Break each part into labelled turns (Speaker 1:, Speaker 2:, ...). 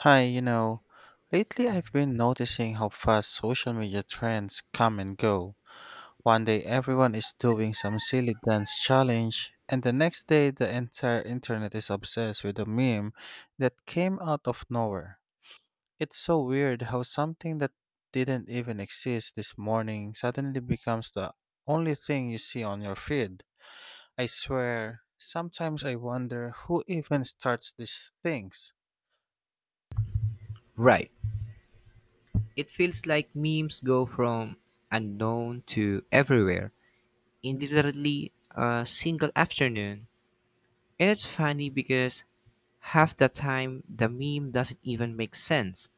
Speaker 1: Hi, you know, lately I've been noticing how fast social media trends come and go. One day everyone is doing some silly dance challenge, and the next day the entire internet is obsessed with a meme that came out of nowhere. It's so weird how something that didn't even exist this morning suddenly becomes the only thing you see on your feed. I swear, sometimes I wonder who even starts these things.
Speaker 2: Right. It feels like memes go from unknown to everywhere in literally a single afternoon. And it's funny because half the time the meme doesn't even make sense,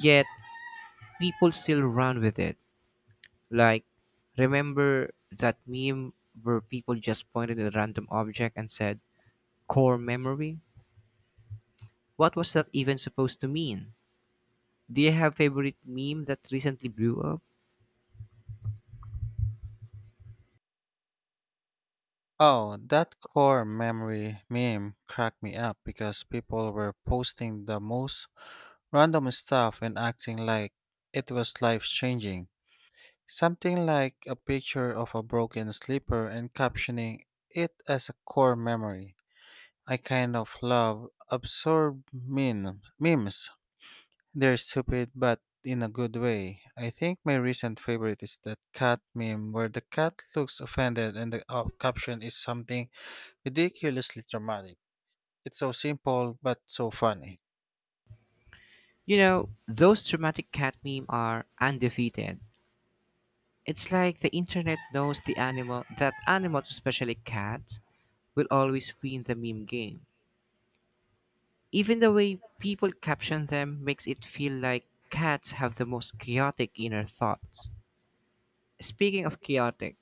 Speaker 2: yet people still run with it. Like, remember that meme where people just pointed at a random object and said, core memory? What was that even supposed to mean? Do you have favorite meme that recently blew up?
Speaker 1: Oh, that core memory meme cracked me up because people were posting the most random stuff and acting like it was life changing. Something like a picture of a broken slipper and captioning it as a core memory. I kind of love memes. They're stupid, but in a good way. I think my recent favorite is that cat meme where the cat looks offended and the caption is something ridiculously dramatic. It's so simple, but so funny.
Speaker 2: You know, those dramatic cat meme are undefeated. It's like the internet knows the animal that animals, especially cats, will always win the meme game. Even the way people caption them makes it feel like cats have the most chaotic inner thoughts. Speaking of chaotic,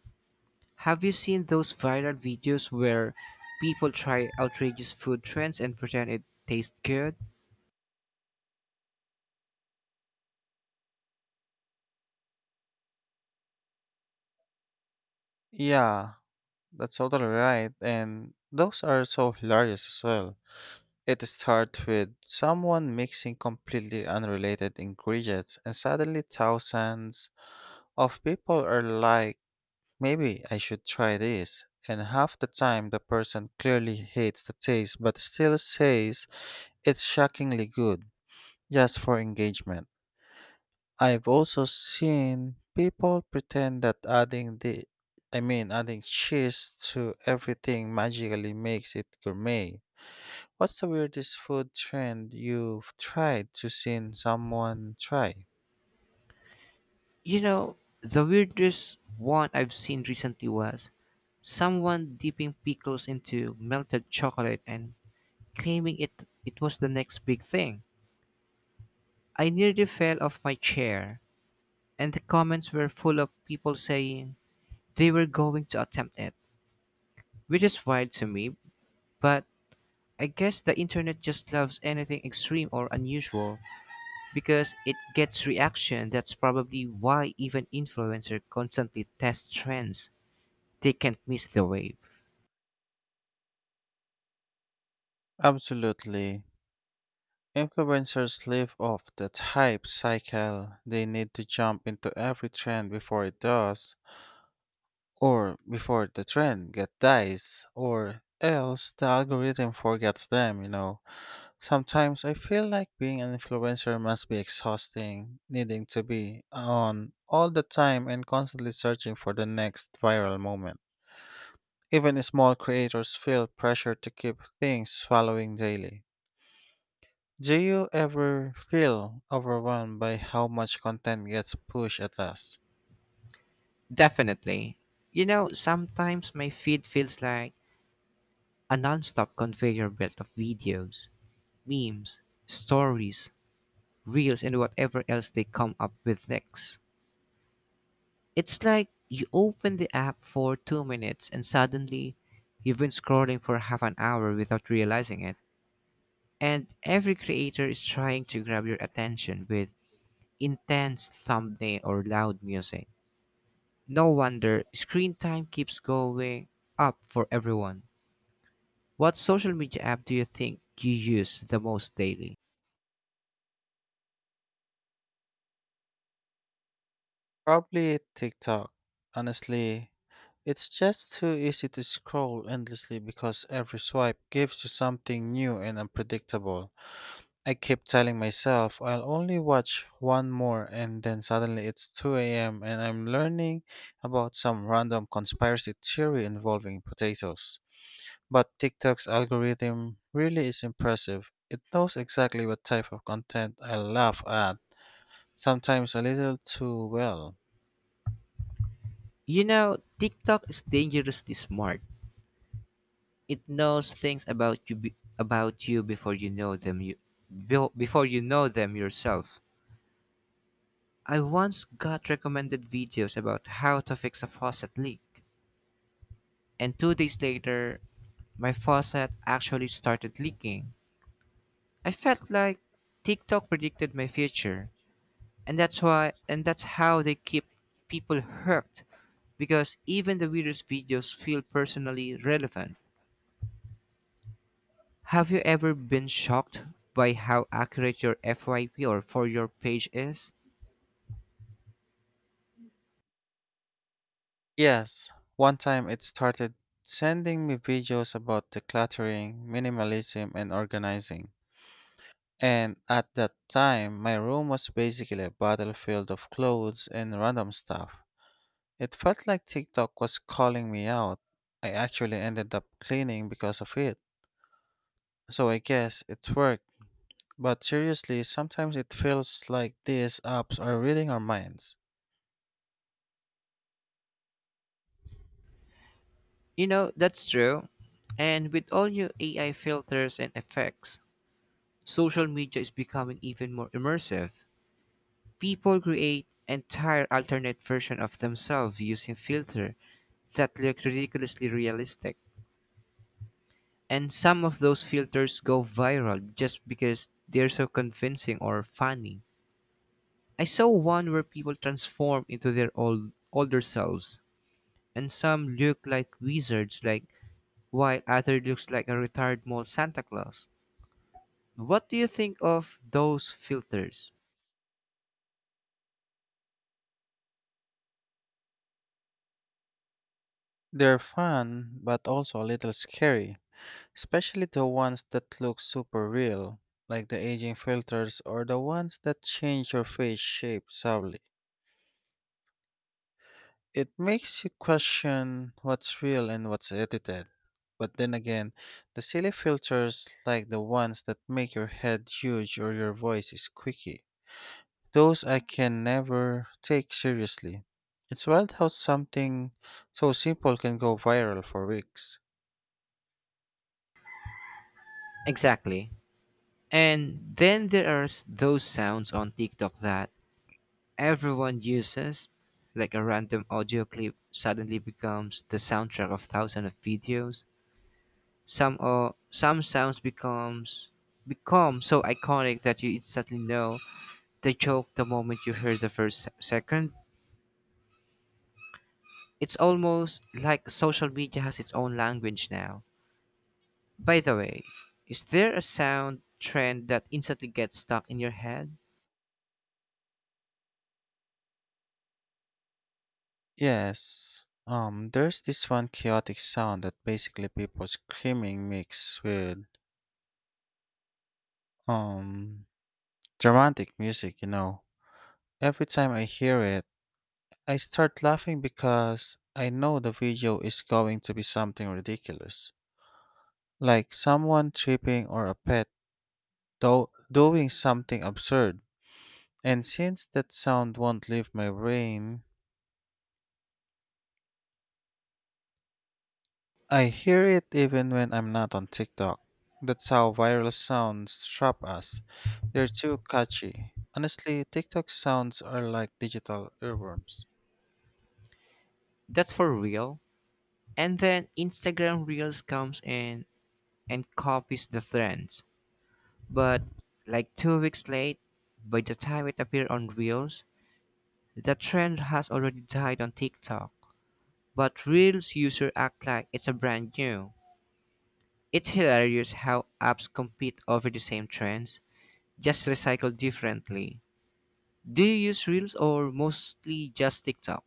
Speaker 2: have you seen those viral videos where people try outrageous food trends and pretend it tastes good?
Speaker 1: Yeah, that's totally right. And those are so hilarious as well. It starts with someone mixing completely unrelated ingredients, and suddenly thousands of people are like, maybe I should try this. And half the time, the person clearly hates the taste but still says it's shockingly good, just for engagement. I've also seen people pretend that adding the I mean adding cheese to everything magically makes it gourmet. What's the weirdest food trend you've tried to seen someone try?
Speaker 2: You know, the weirdest one I've seen recently was someone dipping pickles into melted chocolate and claiming it was the next big thing. I nearly fell off my chair, and the comments were full of people saying they were going to attempt it, which is wild to me, but I guess the internet just loves anything extreme or unusual because it gets reaction. That's probably why even influencers constantly test trends. They can't miss the wave.
Speaker 1: Absolutely. Influencers live off that hype cycle. They need to jump into every trend before it does, or before the trend get dies, or else the algorithm forgets them, you know. Sometimes I feel like being an influencer must be exhausting, needing to be on all the time and constantly searching for the next viral moment. Even small creators feel pressure to keep things following daily. Do you ever feel overwhelmed by how much content gets pushed at us?
Speaker 2: Definitely. You know, sometimes my feed feels like a non-stop conveyor belt of videos, memes, stories, reels, and whatever else they come up with next. It's like you open the app for 2 minutes and suddenly you've been scrolling for half an hour without realizing it. And every creator is trying to grab your attention with intense thumbnail or loud music. No wonder screen time keeps going up for everyone. What social media app do you think you use the most daily?
Speaker 1: Probably TikTok. Honestly, it's just too easy to scroll endlessly because every swipe gives you something new and unpredictable. I keep telling myself I'll only watch one more, and then suddenly it's 2 a.m. and I'm learning about some random conspiracy theory involving potatoes. But TikTok's algorithm really is impressive. It knows exactly what type of content I laugh at, sometimes a little too well.
Speaker 2: You know, TikTok is dangerously smart. It knows things about you about you before you know them before you know them yourself. I once got recommended videos about how to fix a faucet leak, and 2 days later, my faucet actually started leaking. I felt like TikTok predicted my future. And that's how they keep people hooked because even the weirdest videos feel personally relevant. Have you ever been shocked by how accurate your FYP or for your page is?
Speaker 1: Yes, one time it started sending me videos about decluttering, minimalism, and organizing. And at that time, my room was basically a battlefield of clothes and random stuff. It felt like TikTok was calling me out. I actually ended up cleaning because of it. So I guess it worked. But seriously, sometimes it feels like these apps are reading our minds.
Speaker 2: You know, that's true. And with all your AI filters and effects, social media is becoming even more immersive. People create entire alternate version of themselves using filter that look ridiculously realistic. And some of those filters go viral just because they're so convincing or funny. I saw one where people transform into their older selves, and some look like wizards, while other looks like a retired mall Santa Claus. What do you think of those filters?
Speaker 1: They're fun, but also a little scary, especially the ones that look super real, like the aging filters or the ones that change your face shape subtly. It makes you question what's real and what's edited. But then again, the silly filters, like the ones that make your head huge or your voice is squeaky, those I can never take seriously. It's wild how something so simple can go viral for weeks.
Speaker 2: Exactly. And then those sounds on TikTok that everyone uses, like a random audio clip suddenly becomes the soundtrack of thousands of videos. Some sounds becomes become so iconic that you instantly know the joke the moment you hear the second. It's almost like social media has its own language now. By the way, is there a sound trend that instantly gets stuck in your head?
Speaker 1: Yes, there's this one chaotic sound that basically people screaming mixed with, um, dramatic music, you know. Every time I hear it, I start laughing because I know the video is going to be something ridiculous, like someone tripping or a doing something absurd. And since that sound won't leave my brain, I hear it even when I'm not on TikTok. That's how viral sounds trap us. They're too catchy. Honestly, TikTok sounds are like digital earworms.
Speaker 2: That's for real. And then Instagram Reels comes in and copies the trends. But like 2 weeks late, by the time it appeared on Reels, the trend has already died on TikTok, but Reels users act like it's a brand new. It's hilarious how apps compete over the same trends, just recycled differently. Do you use Reels or mostly just TikTok?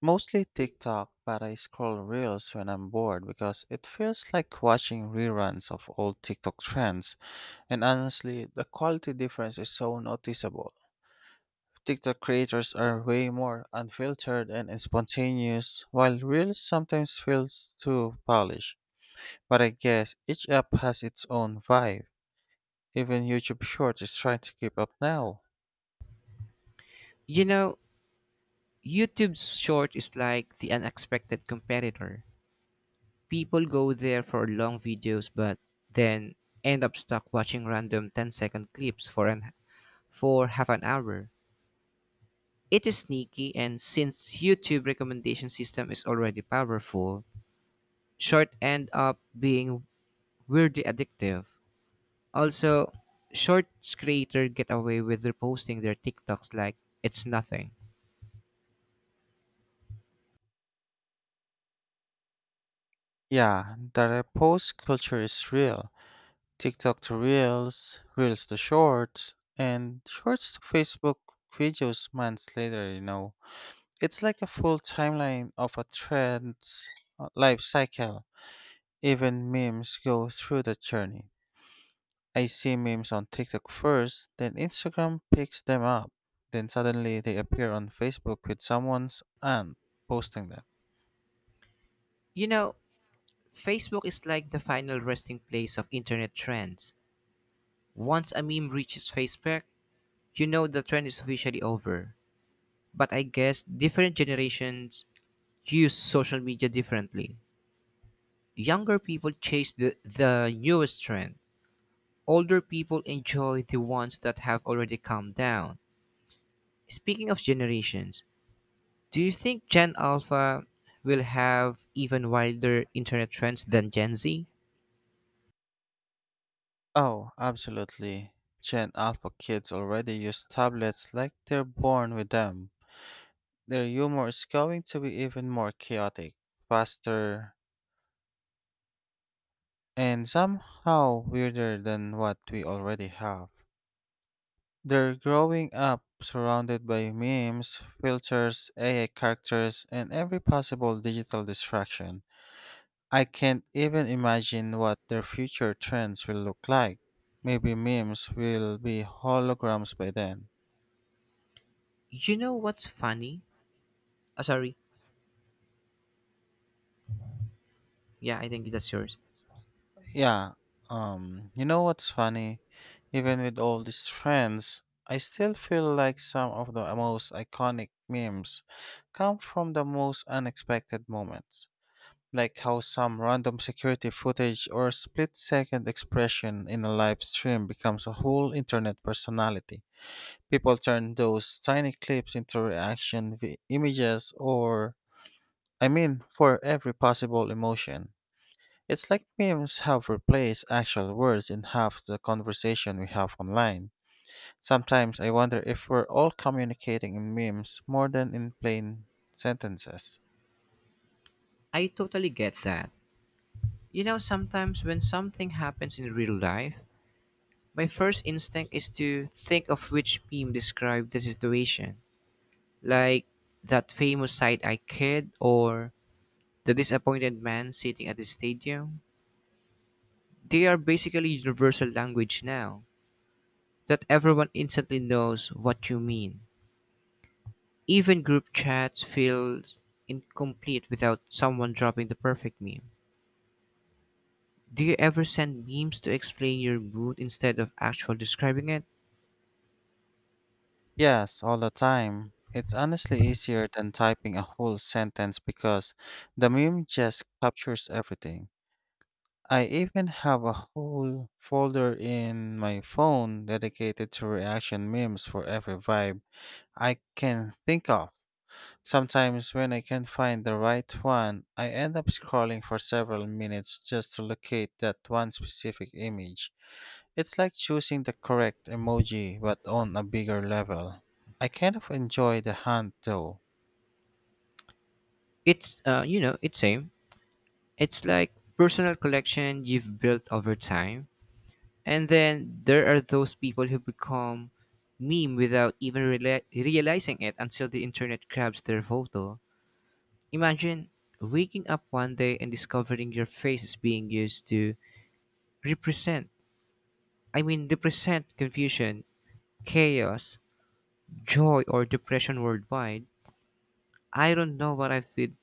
Speaker 1: Mostly TikTok, but I scroll reels when I'm bored because it feels like watching reruns of old TikTok trends. And honestly, the quality difference is so noticeable. TikTok creators are way more unfiltered and spontaneous, while reels sometimes feels too polished. But I guess each app has its own vibe. Even YouTube Shorts is trying to keep up now.
Speaker 2: You know, YouTube's short is like the unexpected competitor. People go there for long videos but then end up stuck watching random 10-second clips for half an hour. It is sneaky, and since YouTube recommendation system is already powerful, short end up being weirdly addictive. Also, shorts creator get away with reposting their TikToks like it's nothing.
Speaker 1: Yeah, the repost culture is real. TikTok to Reels, Reels to Shorts, and Shorts to Facebook videos months later, you know. It's like a full timeline of a trend's life cycle. Even memes go through the journey. I see memes on TikTok first, then Instagram picks them up. Then suddenly they appear on Facebook with someone's aunt posting them.
Speaker 2: You know, Facebook is like the final resting place of internet trends. Once a meme reaches Facebook, you know the trend is officially over. But I guess different generations use social media differently. Younger people chase the newest trend. Older people enjoy the ones that have already come down. Speaking of generations, do you think Gen Alpha will have even wilder internet trends than Gen Z?
Speaker 1: Oh, absolutely. Gen Alpha kids already use tablets like they're born with them. Their humor is going to be even more chaotic, faster, and somehow weirder than what we already have. They're growing up surrounded by memes, filters, AI characters, and every possible digital distraction. I can't even imagine what their future trends will look like. Maybe memes will be holograms by then.
Speaker 2: You know what's funny? Ah, sorry. Yeah, I think that's yours.
Speaker 1: Yeah. You know what's funny? Even with all these trends, I still feel like some of the most iconic memes come from the most unexpected moments. Like how some random security footage or split second expression in a live stream becomes a whole internet personality. People turn those tiny clips into reaction images for every possible emotion. It's like memes have replaced actual words in half the conversation we have online. Sometimes I wonder if we're all communicating in memes more than in plain sentences.
Speaker 2: I totally get that. You know, sometimes when something happens in real life, my first instinct is to think of which meme described the situation. Like that famous side eye kid or the disappointed man sitting at the stadium. They are basically universal language now that everyone instantly knows what you mean. Even group chats feel incomplete without someone dropping the perfect meme. Do you ever send memes to explain your mood instead of actual describing it?
Speaker 1: Yes, all the time. It's honestly easier than typing a whole sentence because the meme just captures everything. I even have a whole folder in my phone dedicated to reaction memes for every vibe I can think of. Sometimes, when I can't find the right one, I end up scrolling for several minutes just to locate that one specific image. It's like choosing the correct emoji but on a bigger level. I kind of enjoy the hunt though.
Speaker 2: It's it's same. It's like personal collection you've built over time. And then there are those people who become meme without even realizing it until the internet grabs their photo. Imagine waking up one day and discovering your face is being used to represent, represent confusion, chaos, joy, or depression worldwide. I don't know what I would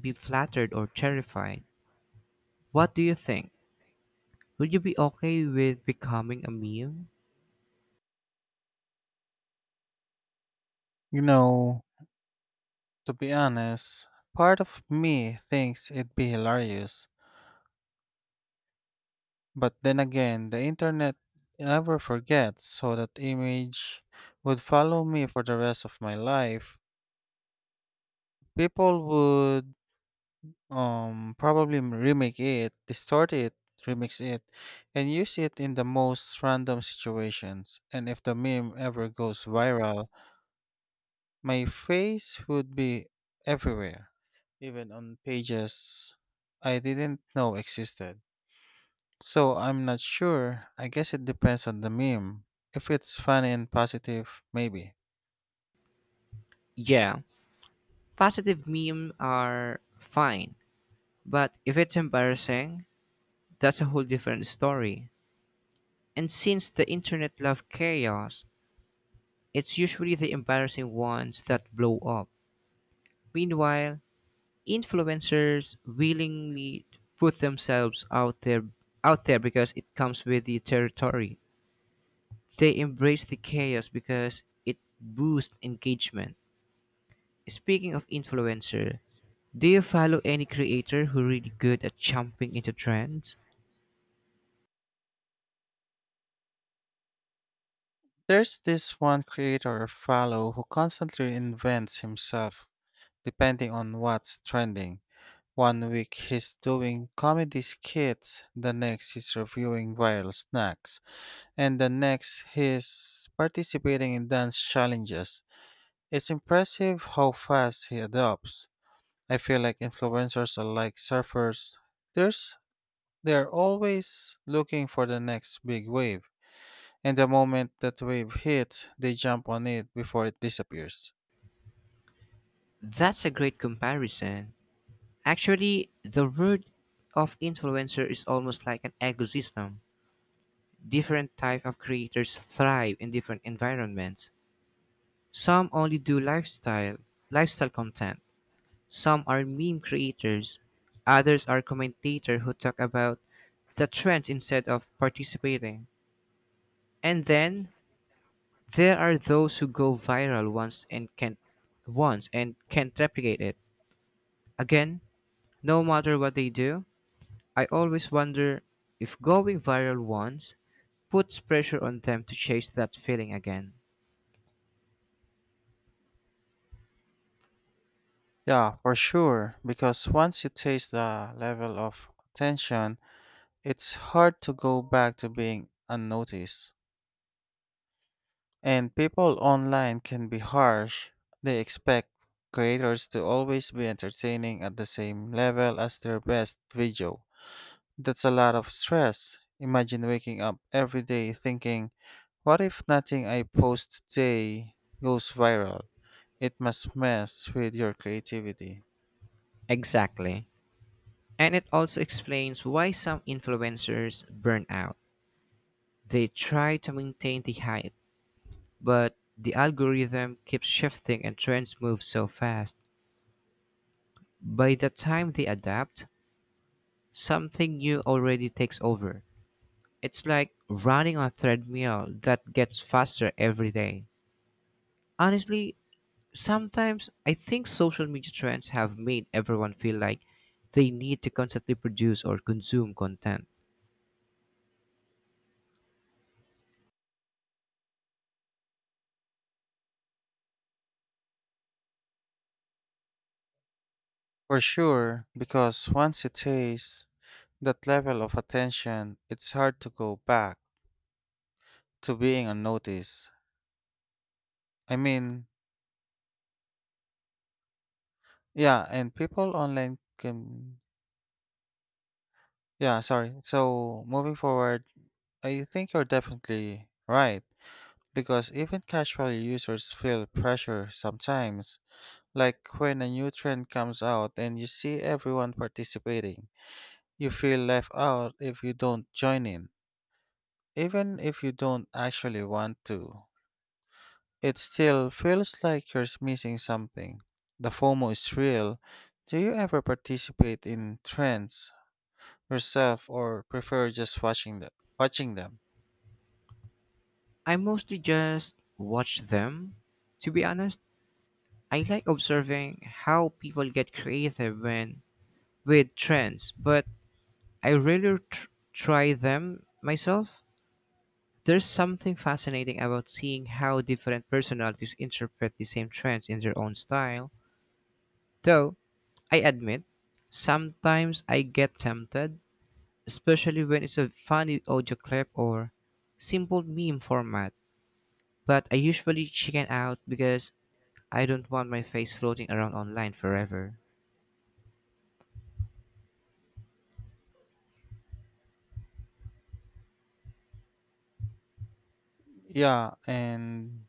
Speaker 2: be, flattered or terrified. What do you think? Would you be okay with becoming a meme?
Speaker 1: You know, to be honest, part of me thinks it'd be hilarious, but then again, the internet never forgets, so that image would follow me for the rest of my life. People would remake it, distort it, remix it, and use it in the most random situations. And if the meme ever goes viral, my face would be everywhere, even on pages I didn't know existed. So I'm not sure. I guess it depends on the meme. If it's funny and positive, maybe.
Speaker 2: Yeah, positive meme are fine, but if it's embarrassing, that's a whole different story. And since the internet love chaos, it's usually the embarrassing ones that blow up. Meanwhile, influencers willingly put themselves out there because it comes with the territory. They embrace the chaos because it boosts engagement. Speaking of influencer, do you follow any creator who really good at jumping into trends?
Speaker 1: There's this one creator I follow who constantly invents himself depending on what's trending. One week he's doing comedy skits, the next he's reviewing viral snacks, and the next he's participating in dance challenges. It's impressive how fast he adopts. I feel like influencers are like surfers. There's they're always looking for the next big wave, and the moment that wave hits, they jump on it before it disappears.
Speaker 2: That's a great comparison. Actually, the word of influencer is almost like an ecosystem. Different type of creators thrive in different environments. Some only do lifestyle content. Some are meme creators. Others are commentators who talk about the trends instead of participating. And then there are those who go viral once and can't replicate it. Again, no matter what they do, I always wonder if going viral once puts pressure on them to chase that feeling again.
Speaker 1: Yeah, for sure, because once you taste the level of attention, it's hard to go back to being unnoticed. And people online can be harsh. They expect creators to always be entertaining at the same level as their best video. That's a lot of stress. Imagine waking up every day thinking, what if nothing I post today goes viral? It must mess with your creativity.
Speaker 2: Exactly. And it also explains why some influencers burn out. They try to maintain the hype, but the algorithm keeps shifting and trends move so fast. By the time they adapt, something new already takes over. It's like running on a treadmill that gets faster every day. Honestly, sometimes I think social media trends have made everyone feel like they need to constantly produce or consume content.
Speaker 1: For sure, because once you taste that level of attention, it's hard to go back to being unnoticed. I mean, yeah, and people online can, yeah, sorry. So moving forward, I think you're definitely right because even casual users feel pressure sometimes. Like when a new trend comes out and you see everyone participating, you feel left out if you don't join in, even if you don't actually want to. It still feels like you're missing something. The FOMO is real. Do you ever participate in trends yourself or prefer just watching them?
Speaker 2: I mostly just watch them. To be honest, I like observing how people get creative when with trends, but I rarely try them myself. There's something fascinating about seeing how different personalities interpret the same trends in their own style. Though, I admit, sometimes I get tempted, especially when it's a funny audio clip or simple meme format. But I usually chicken out because I don't want my face floating around online forever.
Speaker 1: Yeah, and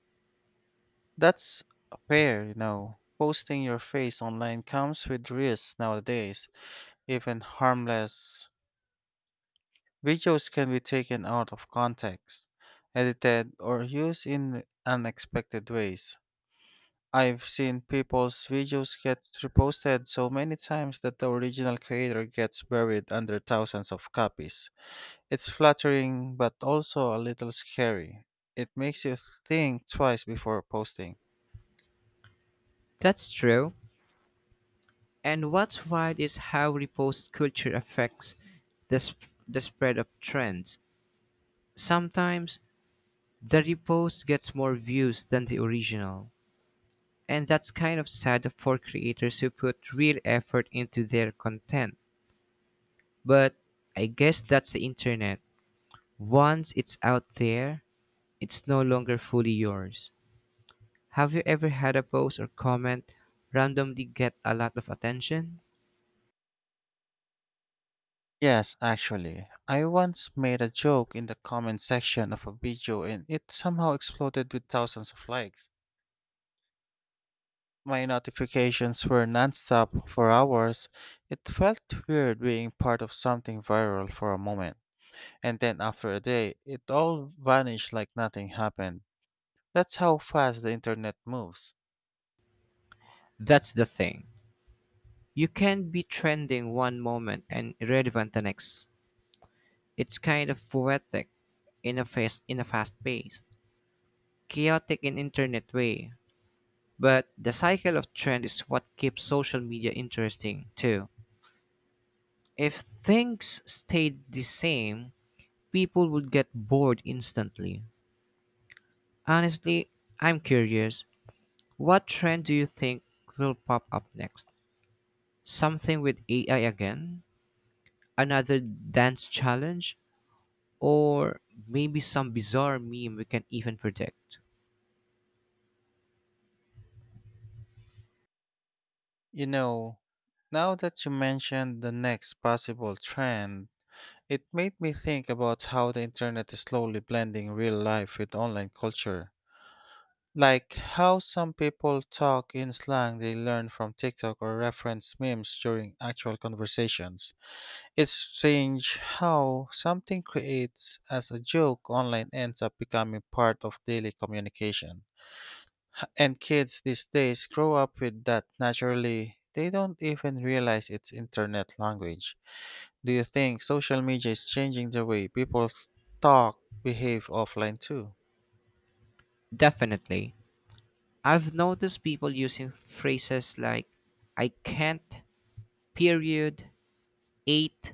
Speaker 1: that's fair, you know. Posting your face online comes with risks nowadays. Even harmless videos can be taken out of context, edited, or used in unexpected ways. I've seen people's videos get reposted so many times that the original creator gets buried under thousands of copies. It's flattering but also a little scary. It makes you think twice before posting.
Speaker 2: That's true. And what's wild is how repost culture affects the spread of trends. Sometimes the repost gets more views than the original. And that's kind of sad for creators who put real effort into their content. But I guess that's the internet. Once it's out there, it's no longer fully yours. Have you ever had a post or comment randomly get a lot of attention?
Speaker 1: Yes, actually, I once made a joke in the comment section of a video and it somehow exploded with thousands of likes. My notifications were nonstop for hours. It felt weird being part of something viral for a moment, and then after a day, it all vanished like nothing happened. That's how fast the internet moves.
Speaker 2: That's the thing. You can be trending one moment and irrelevant the next. It's kind of poetic in a fast pace, chaotic in internet way. But the cycle of trend is what keeps social media interesting too. If things stayed the same, people would get bored instantly. Honestly, I'm curious. What trend do you think will pop up next? Something with AI again? Another dance challenge? Or maybe some bizarre meme we can't even predict.
Speaker 1: You know, now that you mentioned the next possible trend, it made me think about how the internet is slowly blending real life with online culture. Like how some people talk in slang they learn from TikTok or reference memes during actual conversations. It's strange how something creates as a joke online ends up becoming part of daily communication. And kids these days grow up with that naturally. They don't even realize it's internet language. Do you think social media is changing the way people talk, behave offline too?
Speaker 2: Definitely. I've noticed people using phrases like I can't, period, eight,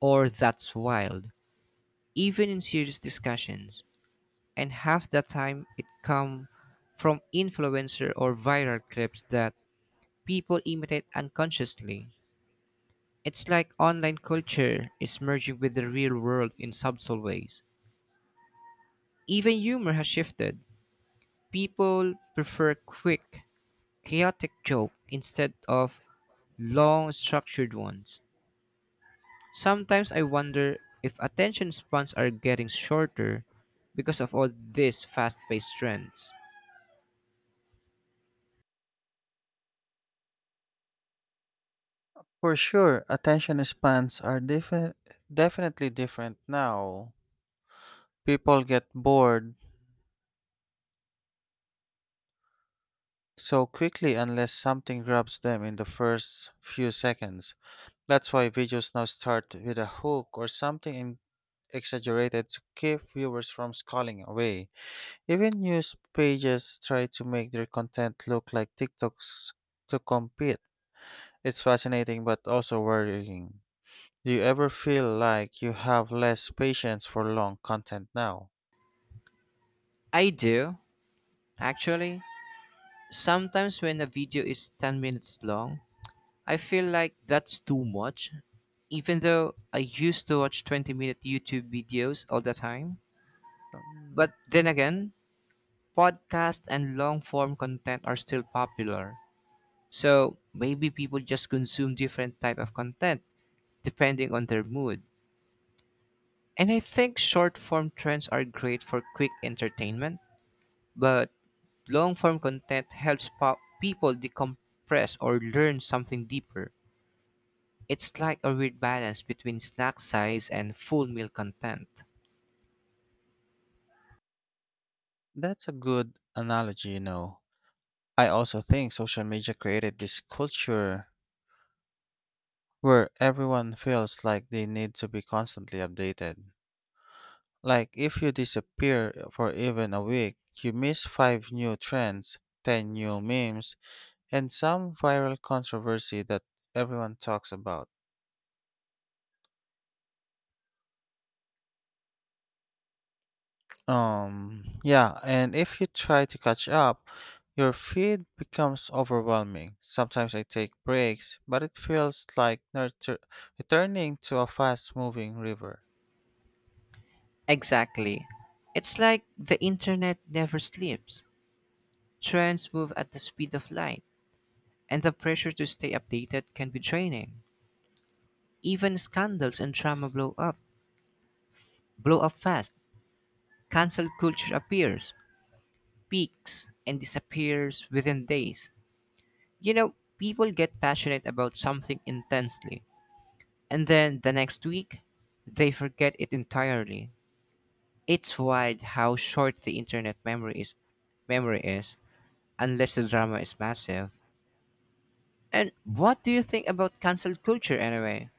Speaker 2: or that's wild, even in serious discussions. And half the time it come from influencer or viral clips that people imitate unconsciously. It's like online culture is merging with the real world in subtle ways. Even humor has shifted. People prefer quick, chaotic jokes instead of long, structured ones. Sometimes I wonder if attention spans are getting shorter because of all these fast paced trends.
Speaker 1: For sure, attention spans are different, definitely different now. People get bored so quickly unless something grabs them in the first few seconds. That's why videos now start with a hook or something exaggerated to keep viewers from scrolling away. Even news pages try to make their content look like TikToks to compete. It's fascinating but also worrying. Do you ever feel like you have less patience for long content now?
Speaker 2: I do, actually. Sometimes when a video is 10 minutes long, I feel like that's too much, even though I used to watch 20-minute YouTube videos all the time.
Speaker 1: Um,
Speaker 2: But then again, podcast and long form content are still popular. So maybe people just consume different type of content depending on their mood. And I think short form trends are great for quick entertainment, but long form content helps people decompress or learn something deeper. It's like a weird balance between snack size and full meal content.
Speaker 1: That's a good analogy, you know. I also think social media created this culture where everyone feels like they need to be constantly updated. Like, if you disappear for even a week, you miss five new trends, 10 new memes, and some viral controversy that everyone talks about. Yeah, and if you try to catch up, your feed becomes overwhelming. Sometimes I take breaks, but it feels like returning to a fast moving river.
Speaker 2: Exactly. It's like the internet never sleeps. Trends move at the speed of light, and the pressure to stay updated can be draining. Even scandals and drama blow up fast. Cancel culture appears, peaks, and disappears within days. You know, people get passionate about something intensely, and then the next week, they forget it entirely. It's wild how short the internet memory is, unless the drama is massive. And what do you think about cancel culture anyway?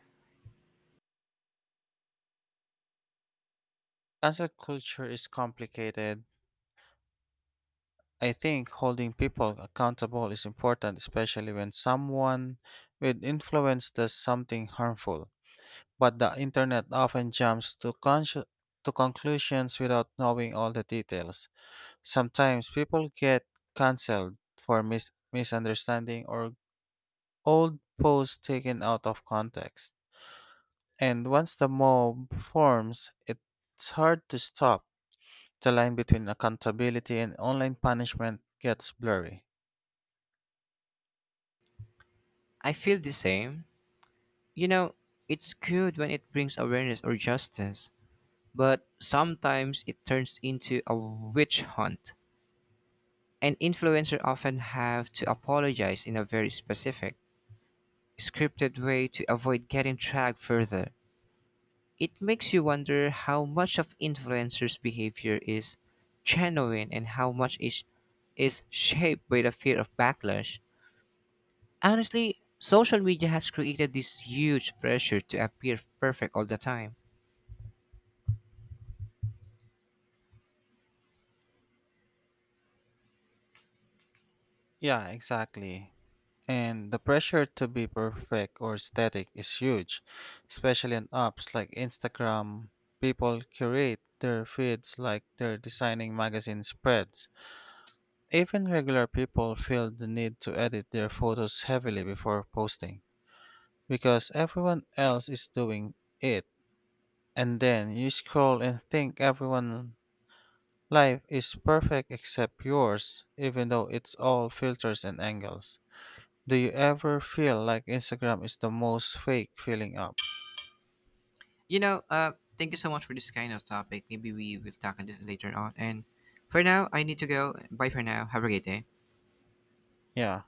Speaker 1: Cancel culture is complicated. I think holding people accountable is important, especially when someone with influence does something harmful. But the internet often to conclusions without knowing all the details. Sometimes people get cancelled for misunderstanding or old posts taken out of context. And once the mob forms, it's hard to stop. The line between accountability and online punishment gets blurry.
Speaker 2: I feel the same. You know, it's good when it brings awareness or justice, but sometimes it turns into a witch hunt. And influencers often have to apologize in a very specific, scripted way to avoid getting dragged further. It makes you wonder how much of influencers' behavior is genuine and how much is shaped by the fear of backlash. Honestly, social media has created this huge pressure to appear perfect all the time.
Speaker 1: Yeah, exactly. And the pressure to be perfect or static is huge, especially on apps like Instagram. People curate their feeds like they're designing magazine spreads. Even regular people feel the need to edit their photos heavily before posting because everyone else is doing it. And then you scroll and think everyone life is perfect except yours, even though it's all filters and angles. Do you ever feel like Instagram is the most fake filling up?
Speaker 2: You know, thank you so much for this kind of topic. Maybe we will tackle this later on. And for now, I need to go. Bye for now. Have a great day.
Speaker 1: Yeah.